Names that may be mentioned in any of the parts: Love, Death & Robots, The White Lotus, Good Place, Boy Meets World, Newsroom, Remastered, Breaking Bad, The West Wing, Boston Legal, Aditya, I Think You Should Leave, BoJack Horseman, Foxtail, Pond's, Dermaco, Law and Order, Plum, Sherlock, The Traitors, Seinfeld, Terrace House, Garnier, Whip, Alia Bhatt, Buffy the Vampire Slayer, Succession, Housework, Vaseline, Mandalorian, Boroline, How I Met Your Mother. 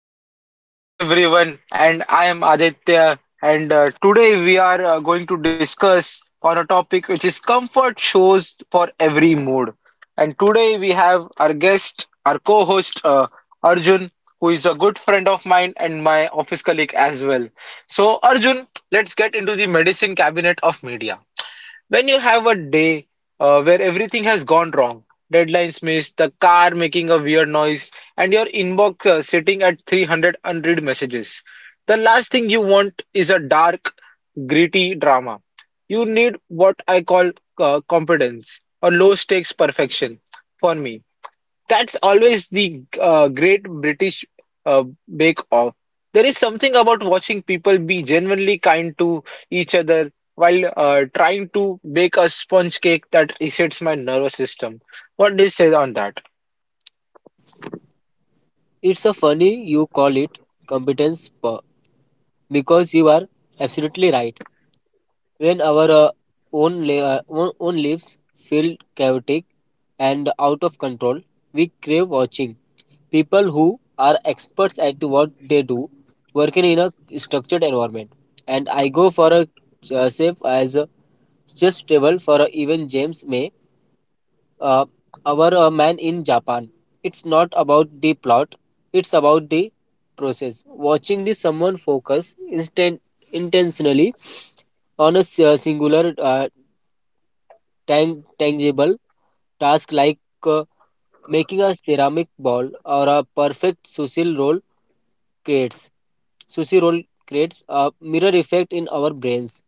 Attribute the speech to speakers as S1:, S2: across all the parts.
S1: So welcome back everyone, and I am Aditya, and today we are going to discuss on a topic which is comfort shows for every mood. And today we have our guest, our co-host Arjun, who is a good friend of mine and my office colleague as well. So Arjun, let's get into the medicine cabinet of media. When you have a day where everything has gone wrong, deadlines missed, the car making a weird noise, and your inbox sitting at 300 unread messages, the last thing you want is a dark, gritty drama. You need what I call competence or low stakes perfection for me. That's always the great British uh, Bake Off. There is something about watching people be genuinely kind to each other while trying to bake a sponge cake that resets my nervous system. What do you say on that?
S2: It's a funny you call it competence po- because you are absolutely right. When our own, li- own own lives feel chaotic and out of control, we crave watching people who are experts at what they do working in a structured environment, and I go for a safe as a just table for a even James May, uh, our man in Japan. It's not about the plot, it's about the process. Watching the someone focus instant intentionally on a singular tangible task like uh, making a ceramic ball or a perfect creates sushi roll creates a mirror effect in our brains.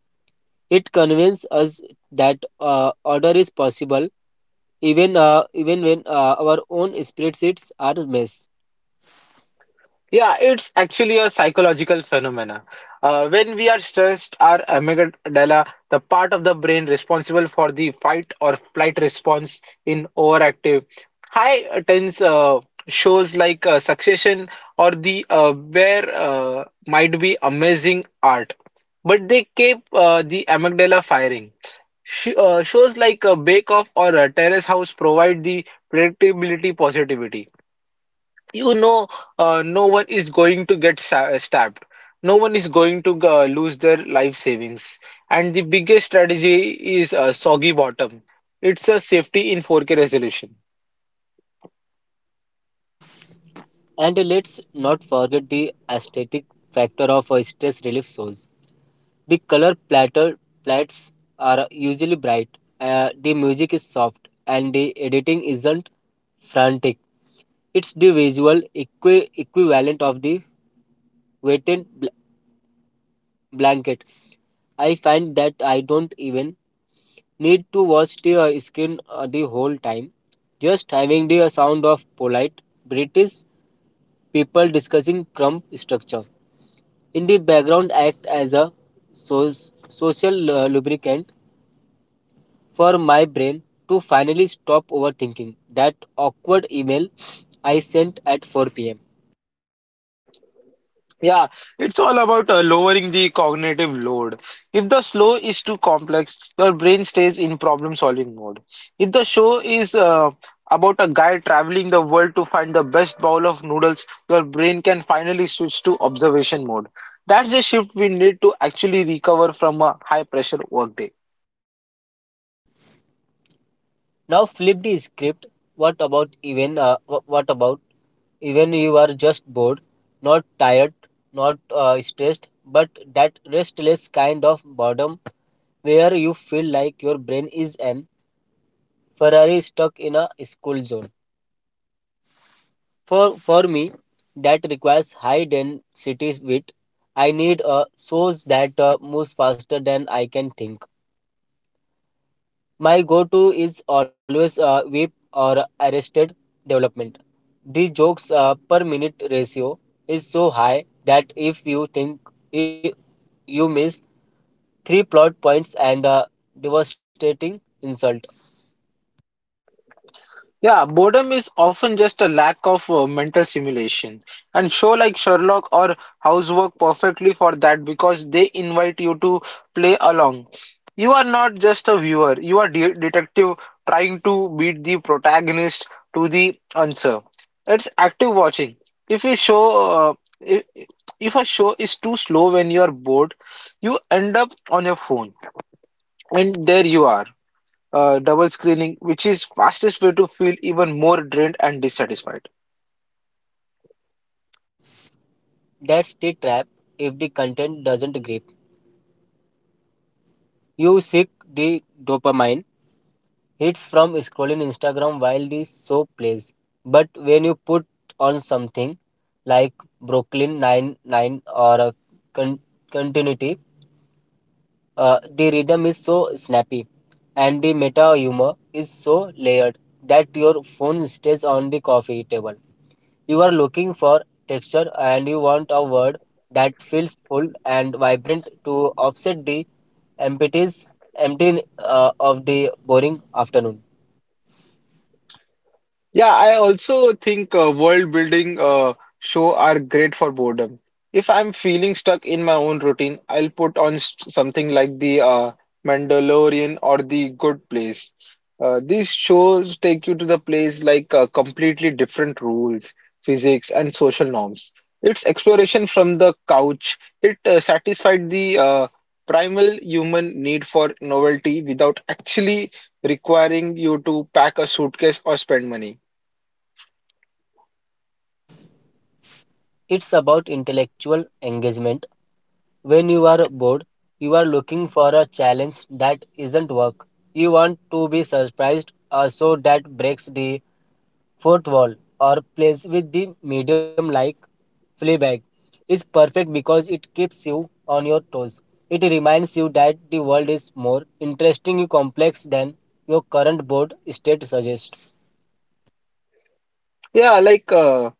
S2: It convinces us that order is possible even when our own spreadsheets are a mess.
S1: Yeah, it's actually a psychological phenomena. When we are stressed, our amygdala, the part of the brain responsible for the fight or flight response in overactive, high tense shows like Succession or the Bear might be amazing art, but they keep the amygdala firing. Shows like Bake Off or Terrace House provide the predictability positivity, you know, no one is going to get stabbed, no one is going to lose their life savings, and the biggest strategy is a soggy bottom. It's a safety in 4K resolution.
S2: And let's not forget the aesthetic factor of stress relief shows. The color platter plats are usually bright, the music is soft, and the editing isn't frantic. It's the visual equivalent of the weighted blanket. I find that I don't even need to watch the screen the whole time. Just having the sound of polite British people discussing crumb structure in the background act as a so- social lubricant for my brain to finally stop overthinking that awkward email I sent at 4 p.m.
S1: Yeah, it's all about lowering the cognitive load. If the slow is too complex, your brain stays in problem solving mode. If the show is about a guy traveling the world to find the best bowl of noodles, your brain can finally switch to observation mode. That's the shift we need to actually recover from a high pressure workday.
S2: Now flip the script. What about even you are just bored, not tired, not stressed, but that restless kind of boredom where you feel like your brain is an Ferrari stuck in a school zone. For me, that requires high density width. I need a source that moves faster than I can think. My go-to is always Whip or Arrested Development. The jokes per minute ratio is so high that if i- you miss three plot points and a devastating insult.
S1: Yeah, boredom is often just a lack of mental stimulation. And show like Sherlock or Housework perfectly for that because they invite you to play along. You are not just a viewer, you are de detective trying to beat the protagonist to the answer. It's active watching. If you show uh, if, if a show is too slow when you are bored, you end up on your phone, and there you are double screening, which is fastest way to feel even more drained and dissatisfied.
S2: That's the trap. If the content doesn't grip, you seek the dopamine hits from scrolling Instagram while the show plays. But when you put on something like Brooklyn Nine Nine or a con- continuity, the rhythm is so snappy and the meta humor is so layered that your phone stays on the coffee table. You are looking for texture, and you want a word that feels full and vibrant to offset the emptiness empty of the boring afternoon.
S1: Yeah, I also think world building show are great for boredom. If I'm feeling stuck in my own routine, I'll put on s something like the Mandalorian or the Good Place. These shows take you to the place like completely different rules, physics, and social norms. It's exploration from the couch. It satisfied the primal human need for novelty without actually requiring you to pack a suitcase or spend money.
S2: It's about intellectual engagement. When you are bored, you are looking for a challenge that isn't work. You want to be surprised, so that breaks the fourth wall or plays with the medium like Fleabag. It's perfect because it keeps you on your toes. It reminds you that the world is more interesting and complex than your current bored state suggests.
S1: Yeah, like uh,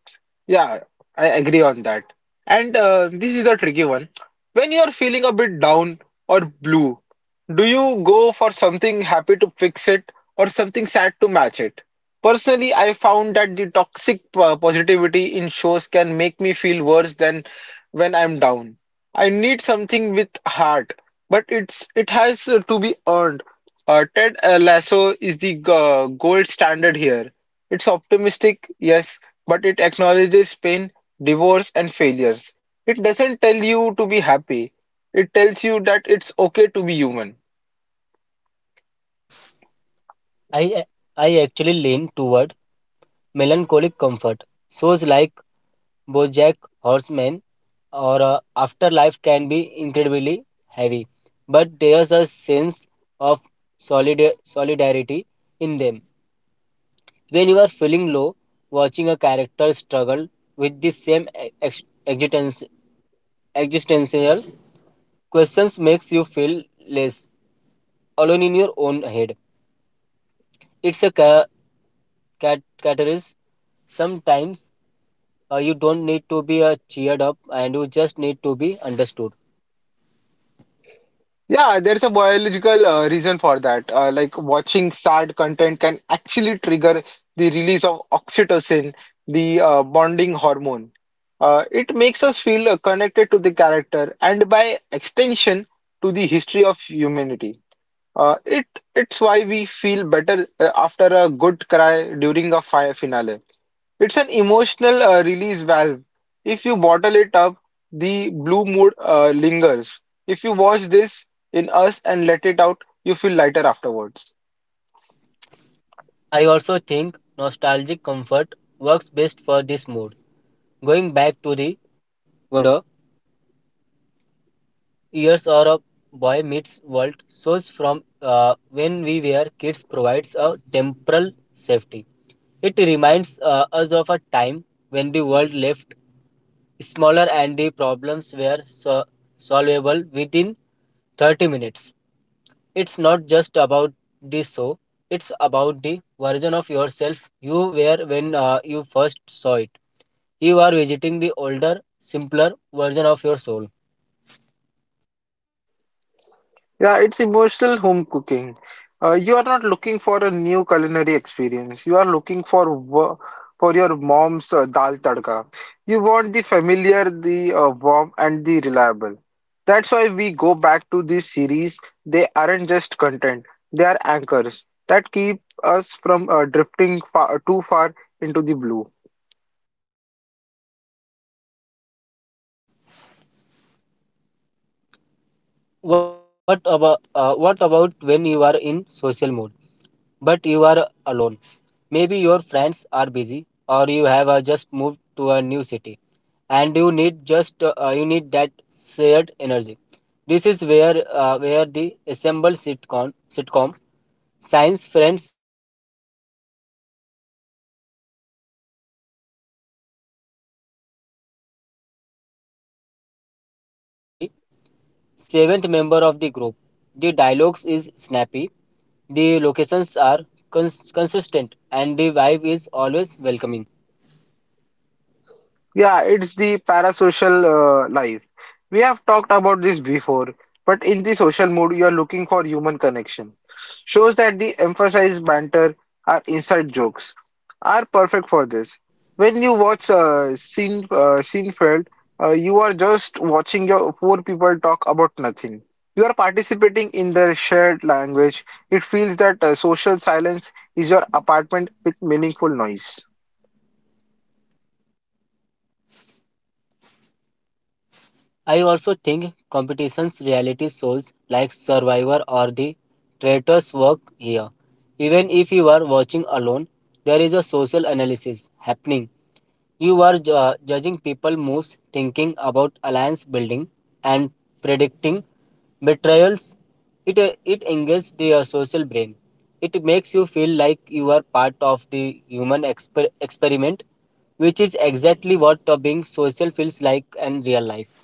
S1: yeah, I agree on that. And this is a tricky one. When you're feeling a bit down or blue, do you go for something happy to fix it or something sad to match it? Personally, I found that the toxic positivity in shows can make me feel worse than when I'm down. I need something with heart, but it has to be earned. Ted Lasso is the gold standard here. It's optimistic, yes, but it acknowledges pain, divorce, and failures. It doesn't tell you to be happy. It tells you that it's okay to be human.
S2: I I actually lean toward melancholic comfort. Shows like BoJack Horseman or Afterlife can be incredibly heavy, but there's a sense of solidarity in them. When you are feeling low, watching a character struggle with the same existential questions makes you feel less alone in your own head. It's a catalyst. Sometimes you don't need to be cheered up, and you just need to be understood.
S1: Yeah, there's a biological reason for that. Like watching sad content can actually trigger the release of oxytocin, the bonding hormone. It makes us feel connected to the character, and by extension to the history of humanity. Uh, it it's why we feel better after a good cry during a fire finale. It's an emotional release valve. If you bottle it up, the blue mood lingers. If you watch this in us and let it out, you feel lighter afterwards.
S2: I also think nostalgic comfort works best for this mood. Going back to the Wonder Years or a Boy Meets World shows from when we were kids provides a temporal safety. It reminds us of a time when the world left smaller and the problems were solvable within 30 minutes. It's not just about the show, it's about the version of yourself you were when you first saw it. You are visiting the older, simpler version of your soul.
S1: Yeah, it's emotional home cooking. You are not looking for a new culinary experience. You are looking for for your mom's dal tadka. You want the familiar, the warm, and the reliable. That's why we go back to this series. They aren't just content; they are anchors that keep us from drifting far, too far into the blue.
S2: What about when you are in social mode but you are alone? Maybe your friends are busy, or you have just moved to a new city and you need that shared energy. This is where the assembled sitcom Science Friends, How I Met Your Mother, or a New Girl. These shows are designed to make you feel like you are the seventh member of the group. The dialogues is snappy, the locations are consistent, and the vibe is always welcoming.
S1: Yeah, it's the parasocial life. We have talked about this before, but in the social mood, you are looking for human connection. Shows that the emphasized banter are inside jokes are perfect for this. When you watch Seinfeld, you are just watching your four people talk about nothing. You are participating in their shared language. It feels that social silence is your apartment with meaningful noise.
S2: I also think competitions reality shows like Survivor or The Traitors work here. Even if you are watching alone, there is a social analysis happening. You are judging people moves, thinking about alliance building and predicting betrayals. It engages the social brain. It makes you feel like you are part of the human experiment, which is exactly what being social feels like in real life.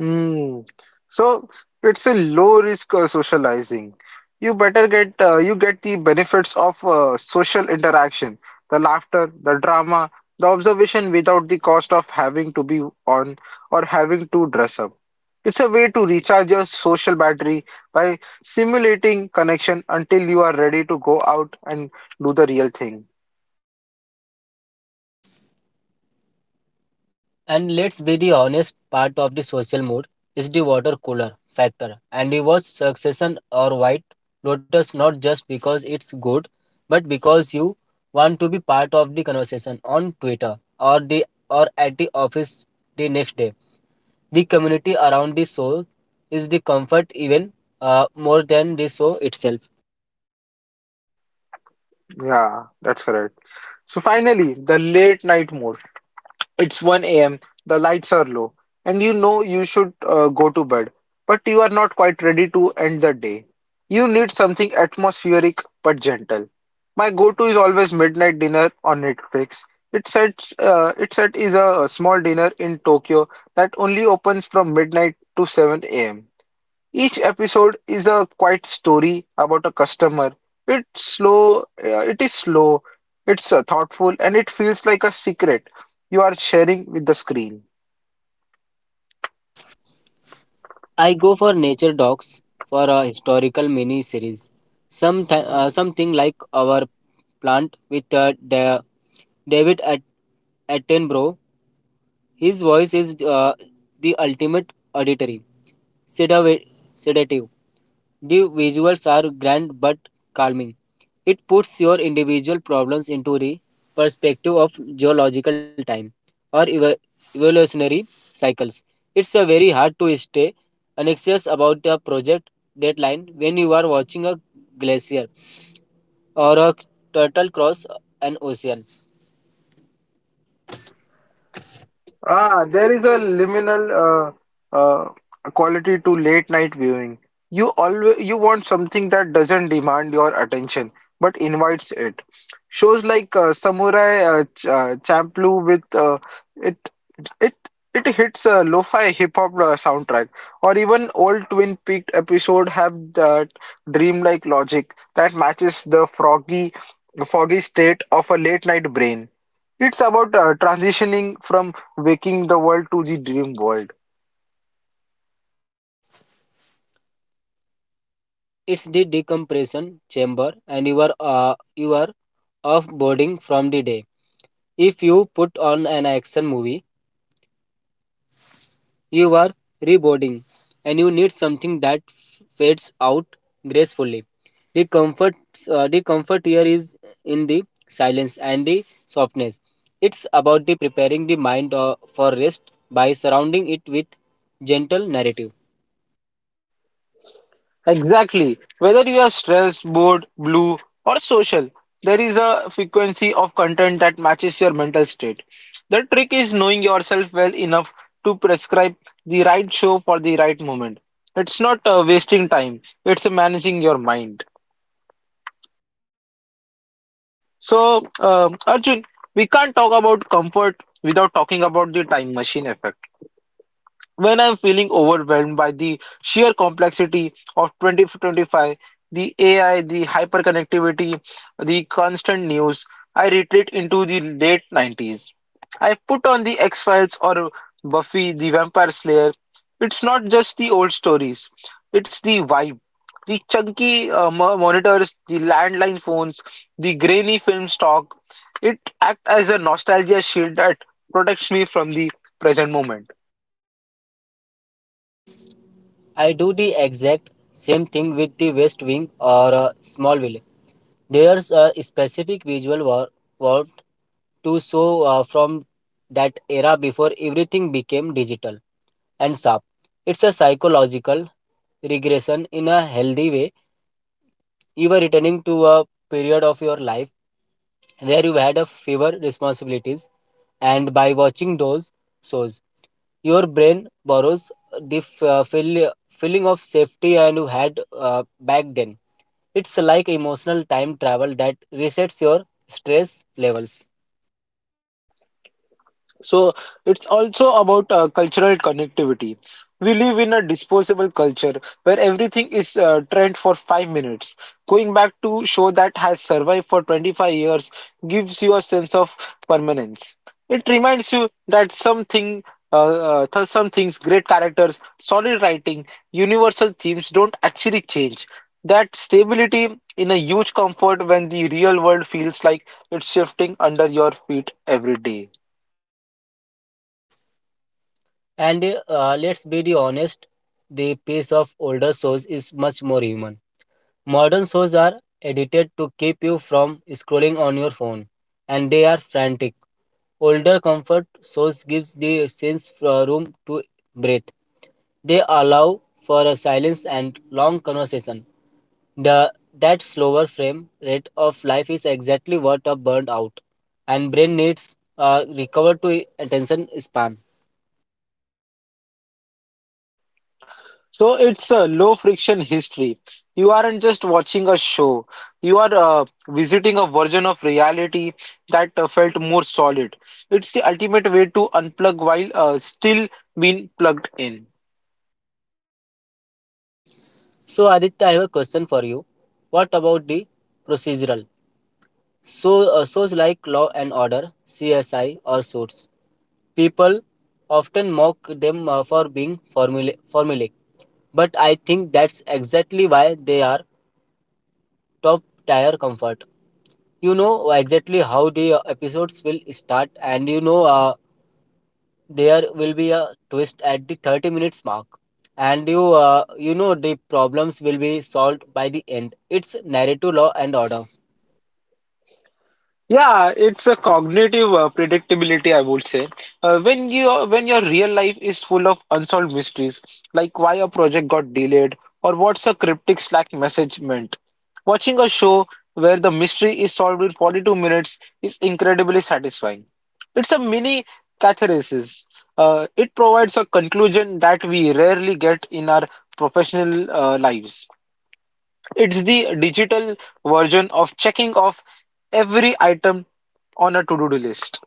S1: Mm. So it's a low risk socializing. You get the benefits of social interaction, the laughter, the drama, the observation without the cost of having to be on or having to dress up. It's a way to recharge your social battery by simulating connection until you are ready to go out and do the real thing.
S2: And let's be the honest, part of the social mood is the water cooler factor. And we watch Succession or White Lotus not just because it's good, but because you want to be part of the conversation on Twitter or the or at the office the next day. The community around the show is the comfort even more than the show itself.
S1: Yeah, that's correct. So finally, the late night mode. It's 1 a.m., the lights are low, and you know you should go to bed, but you are not quite ready to end the day. You need something atmospheric but gentle. My go-to is always midnight dinner on Netflix. It's such, it set is a small dinner in Tokyo that only opens from midnight to 7 a.m. Each episode is a quiet story about a customer. It is slow, it's thoughtful, and it feels like a secret you are sharing with the screen.
S2: I go for nature docs for a historical mini series. Something like our plant with David At- Attenborough. His voice is the ultimate auditory sedative. sedative. The visuals are grand but calming. It puts your individual problems into the perspective of geological time or evolutionary cycles. It's a very hard to stay anxious about a project deadline when you are watching a glacier or a turtle cross an ocean.
S1: Ah, there is a liminal uh, uh, quality to late night viewing. You want something that doesn't demand your attention but invites it. Shows like Samurai Ch Champloo with it it it hits a lo-fi hip hop soundtrack, or even old Twin Peaks episode have that dreamlike logic that matches the froggy foggy state of a late night brain. It's about transitioning from waking the world to the dream world.
S2: It's the decompression chamber, and you are off boarding from the day. If you put on an action movie, you are reboarding, and you need something that fades out gracefully. The comfort, the comfort here is in the silence and the softness. It's about the preparing the mind for rest by surrounding it with gentle narrative.
S1: Exactly. Whether you are stressed, bored, blue, or social, there is a frequency of content that matches your mental state. The trick is knowing yourself well enough to prescribe the right show for the right moment. It's not wasting time, it's managing your mind. So, Arjun, we can't talk about comfort without talking about the time machine effect. When I'm feeling overwhelmed by the sheer complexity of 2025, the AI, the hyperconnectivity, the constant news, I retreat into the late 90s. I put on the X Files or Buffy the Vampire Slayer. It's not just the old stories, it's the vibe. The chunky monitors, the landline phones, the grainy film stock, it acts as a nostalgia shield that protects me from the present moment.
S2: I do the exact same thing with the West Wing or a small village. There's a specific visual warmth to show from that era before everything became digital and sharp. It's a psychological regression in a healthy way. You were returning to a period of your life where you had a fewer responsibilities, and by watching those shows your brain borrows the feeling of safety and you had back then. It's like emotional time travel that resets your stress levels.
S1: So it's also about cultural connectivity. We live in a disposable culture where everything is trend for 5 minutes. Going back to show that has survived for 25 years gives you a sense of permanence. It reminds you that uh, some things, great characters, solid writing, universal themes don't actually change. That stability in a huge comfort when the real world feels like it's shifting under your feet every day.
S2: And let's be the honest, the pace of older shows is much more human. Modern shows are edited to keep you from scrolling on your phone, and they are frantic. Older comfort shows gives the sense for room to breathe. They allow for a silence and long conversation. The that slower frame rate of life is exactly what a burned out and brain needs recover to attention span.
S1: So it's a low friction history. You aren't just watching a show, you are visiting a version of reality that felt more solid. It's the ultimate way to unplug while still being plugged in.
S2: So Aditya, I have a question for you. What about the procedural? So shows like Law and Order, CSI, or Suits. People often mock them for being formulaic, but I think that's exactly why they are top tier comfort. You know exactly how the episodes will start, and you know there will be a twist at the 30 minutes mark. And you know the problems will be solved by the end. It's narrative law and order.
S1: Yeah, it's a cognitive predictability, I would say. When your real life is full of unsolved mysteries, like why a project got delayed or what's a cryptic Slack message meant, watching a show where the mystery is solved in 42 minutes is incredibly satisfying. It's a mini catharsis. It provides a conclusion that we rarely get in our professional lives. It's the digital version of checking off every item on a to-do list.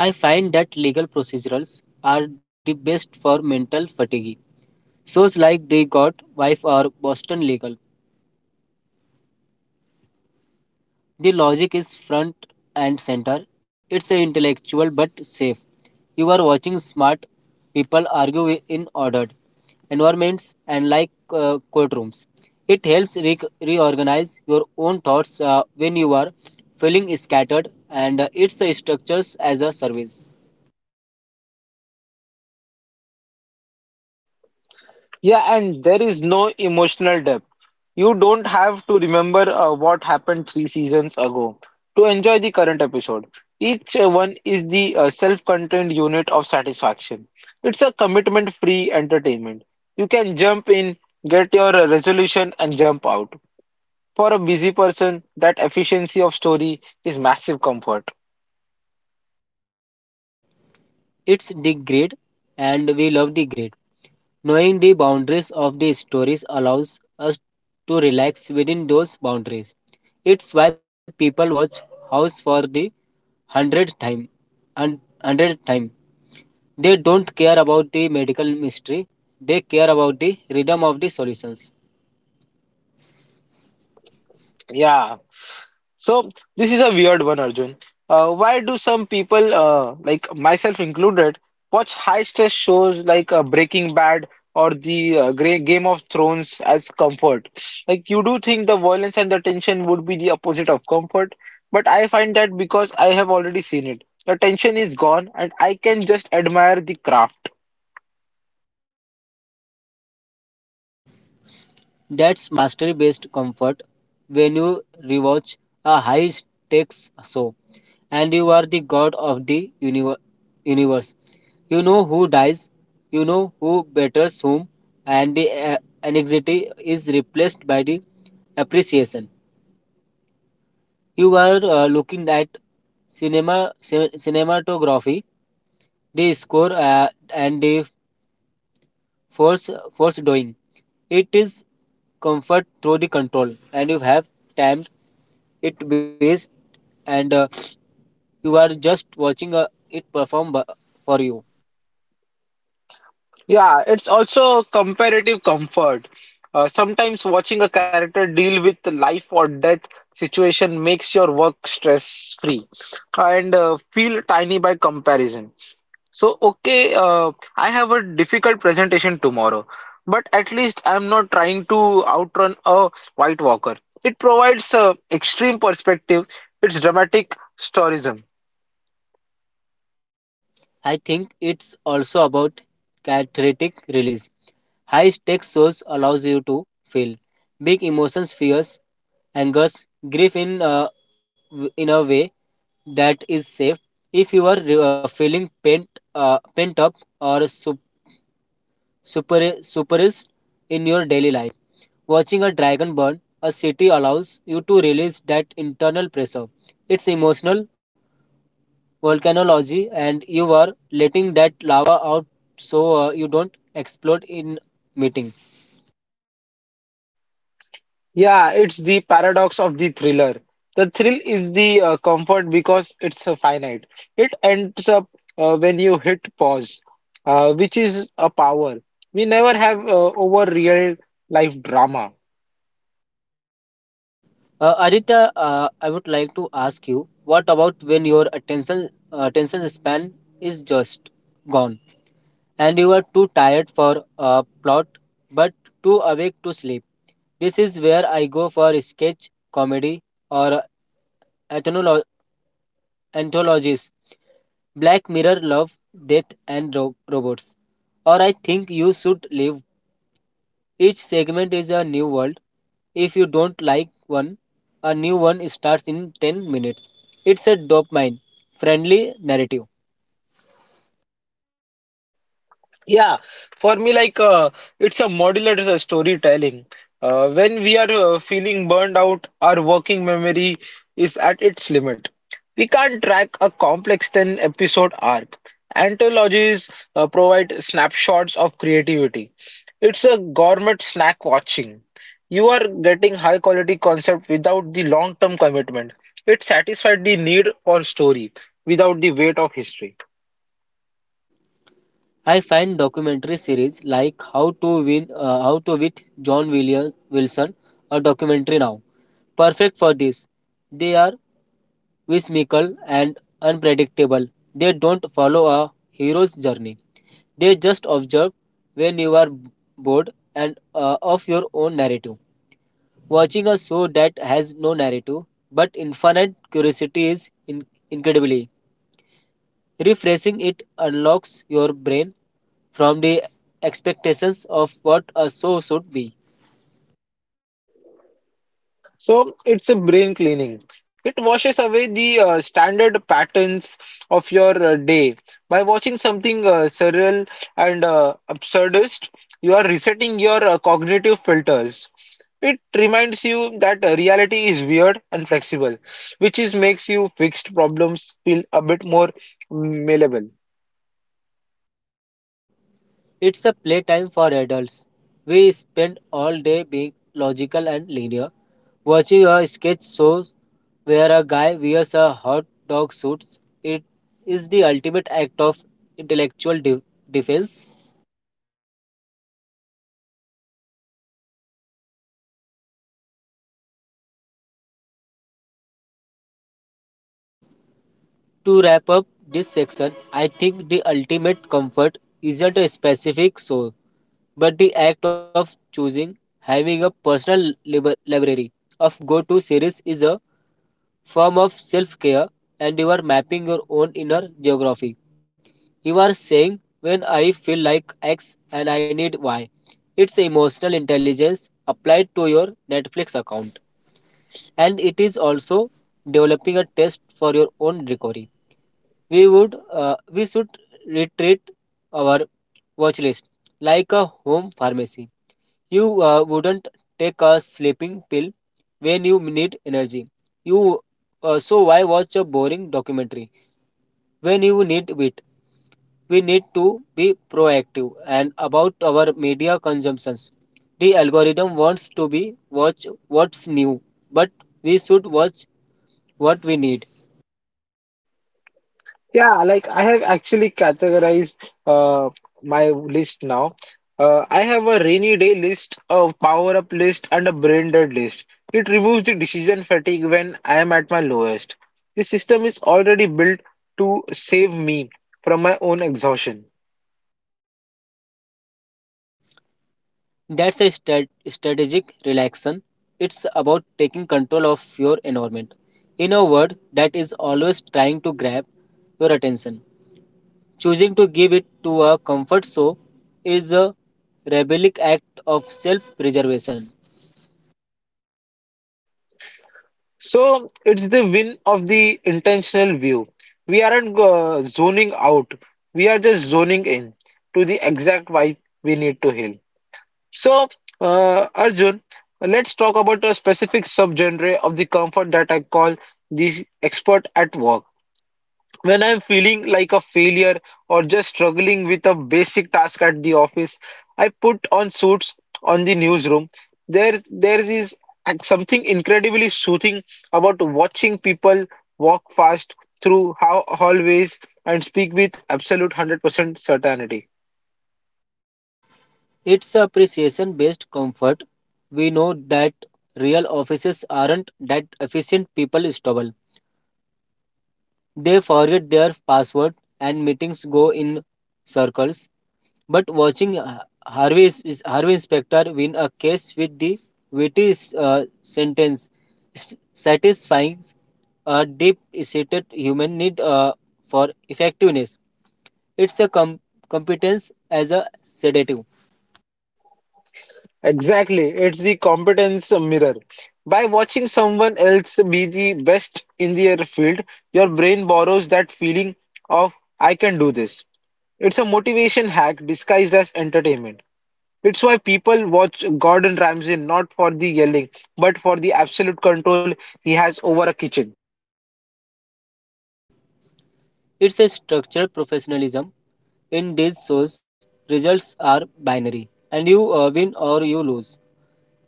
S2: I find that legal procedurals are the best for mental fatigue. Shows like The got Wife or Boston Legal, the logic is front and center. It's intellectual but safe. You are watching smart people argue in ordered environments and like courtrooms. It helps reorganize your own thoughts when you are feeling scattered, and it's a structures as a service.
S1: Yeah, and there is no emotional depth. You don't have to remember what happened three seasons ago to enjoy the current episode. Each one is the self-contained unit of satisfaction. It's a commitment-free entertainment. You can jump in, get your resolution, and jump out. For a busy person, that efficiency of story is massive comfort.
S2: It's the degrade, and we love the degrade. Knowing the boundaries of the stories allows us to relax within those boundaries. It's why people watch House for the hundredth time. And 100th time. They don't care about the medical mystery. They care about the rhythm of the solutions.
S1: Yeah. So this is a weird one, Arjun. Why do some people, like myself included, watch high stress shows like Breaking Bad or the Grey Game of Thrones as comfort? Like you do think the violence and the tension would be the opposite of comfort, but I find that because I have already seen it, the tension is gone and I can just admire the craft.
S2: That's mastery based comfort. When you rewatch a high stakes show, and you are the god of the universe. You know who dies, you know who batters whom, and the anxiety is replaced by the appreciation. You are looking at cinematography, the score, and the force doing. It is comfort through the control, and you have timed it based, and you are just watching it perform for you.
S1: Yeah, it's also comparative comfort. Sometimes watching a character deal with the life or death situation makes your work stress free and feel tiny by comparison. So, okay, I have a difficult presentation tomorrow, but at least I'm not trying to outrun a White Walker. It provides extreme perspective, it's dramatic storyism.
S2: I think it's also about cathartic release. High stakes shows allows you to feel big emotions, fears, angers, grief in in a way that is safe. If you are re- feeling pent pent up or super suppressed in your daily life, watching a dragon burn a city allows you to release that internal pressure. It's emotional volcanology, and you are letting that lava out so you don't explode in meeting.
S1: Yeah, it's the paradox of the thriller. The thrill is the comfort because it's finite. It ends up when you hit pause, which is a power we never have over real life drama.
S2: Aditya, I would like to ask you what about when your attention span is just gone, and you are too tired for a plot but too awake to sleep. This is where I go for sketch comedy or ethnolo anthologies: Black Mirror, Love, Death, and Robots. Or I think you should live. Each segment is a new world. If you don't like one, a new one starts in 10 minutes. It's a dopamine friendly narrative.
S1: Yeah, for me, it's a modular storytelling. When we are feeling burned out, our working memory is at its limit. We can't track a complex 10 episode arc. Anthologies provide snapshots of creativity. It's a gourmet snack watching. You are getting high quality concept without the long term commitment. It satisfied the need for story without the weight of history.
S2: I find documentary series like How to with John William Wilson, a documentary now, perfect for this. They are whimsical and unpredictable. They don't follow a hero's journey. They just observe when you are bored and of your own narrative. Watching a show that has no narrative but infinite curiosity is incredibly refreshing. It unlocks your brain from the expectations of what a show should be.
S1: So it's a brain cleaning. It washes away the standard patterns of your day. By watching something surreal and absurdist, you are resetting your cognitive filters. It reminds you that reality is weird and flexible, which is makes you fixed problems feel a bit more malleable.
S2: It's a playtime for adults. We spend all day being logical and linear, watching a sketch show where a guy wears a hot dog suit. It is the ultimate act of intellectual defense. To wrap up this section, I think the ultimate comfort isn't a specific show, but the act of choosing, having a personal library of go to series, is a form of self care, and you are mapping your own inner geography. You are saying, when I feel like X and I need Y. It's emotional intelligence applied to your Netflix account. And it is also developing a test for your own recovery. We should retreat our watch list like a home pharmacy. You wouldn't take a sleeping pill when you need energy. You so why watch a boring documentary when you need wit? We need to be proactive and about our media consumptions. The algorithm wants to be watch what's new, but we should watch what we need.
S1: I have actually categorized uh, my list now. I have a rainy day list, a power up list, and a brain dead list. It removes the decision fatigue when I am at my lowest. The system is already built to save me from my own exhaustion.
S2: That's a strategic relaxation. It's about taking control of your environment, in a word that is always trying to grab your attention. Choosing to give it to a comfort show is a rebellic act of self preservation.
S1: So it's the win of the intentional view. We aren't zoning out, we are just zoning in to the exact vibe we need to heal. So, Arjun, let's talk about a specific subgenre of the comfort that I call the expert at work. When I'm feeling like a failure or just struggling with a basic task at the office, I put on suits on the newsroom. There is something incredibly soothing about watching people walk fast through how hallways and speak with absolute 100% certainty.
S2: It's appreciation based comfort. We know that real offices aren't that efficient, people stumble. They forget their password and meetings go in circles. But watching Harvey Specter win a case with the witty sentence, satisfying a deep-seated human need for effectiveness. It's a competence as a sedative.
S1: Exactly, it's the competence mirror. By watching someone else be the best in their field, your brain borrows that feeling of I can do this. It's a motivation hack disguised as entertainment. It's why people watch Gordon Ramsay not for the yelling, but for the absolute control he has over a kitchen.
S2: It's a structured professionalism. In these shows, results are binary, and you win or you lose.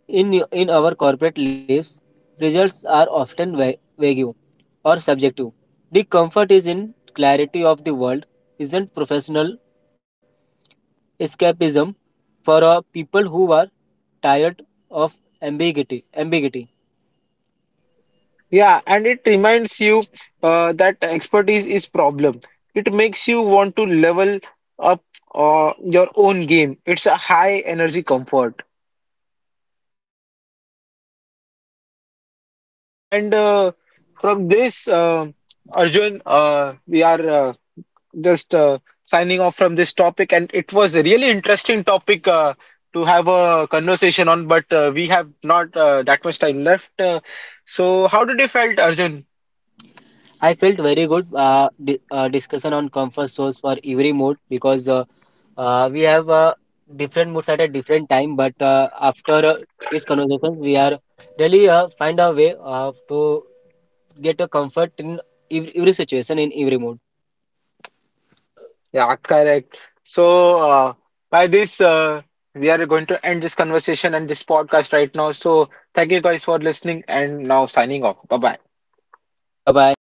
S2: In our corporate lives, results are often vague or subjective. The comfort is in clarity of the world, isn't professional escapism for people who are tired of ambiguity. Ambiguity.
S1: Yeah, and it reminds you that expertise is problem. It makes you want to level up your own game. It's a high energy comfort. And from this, uh, Arjun, we are just signing off from this topic, and it was a really interesting topic to have a conversation on, but we have not that much time left. So, how did you felt, Arjun?
S2: I felt very good discussion on comfort zones for every mood, because we have different moods at a different time. But after this conversation, we are really find a way to get a comfort in every situation in every mood.
S1: Yeah, correct. So, by this, we are going to end this conversation and this podcast right now. So, thank you guys for listening, and now signing off. Bye bye.
S2: Bye bye.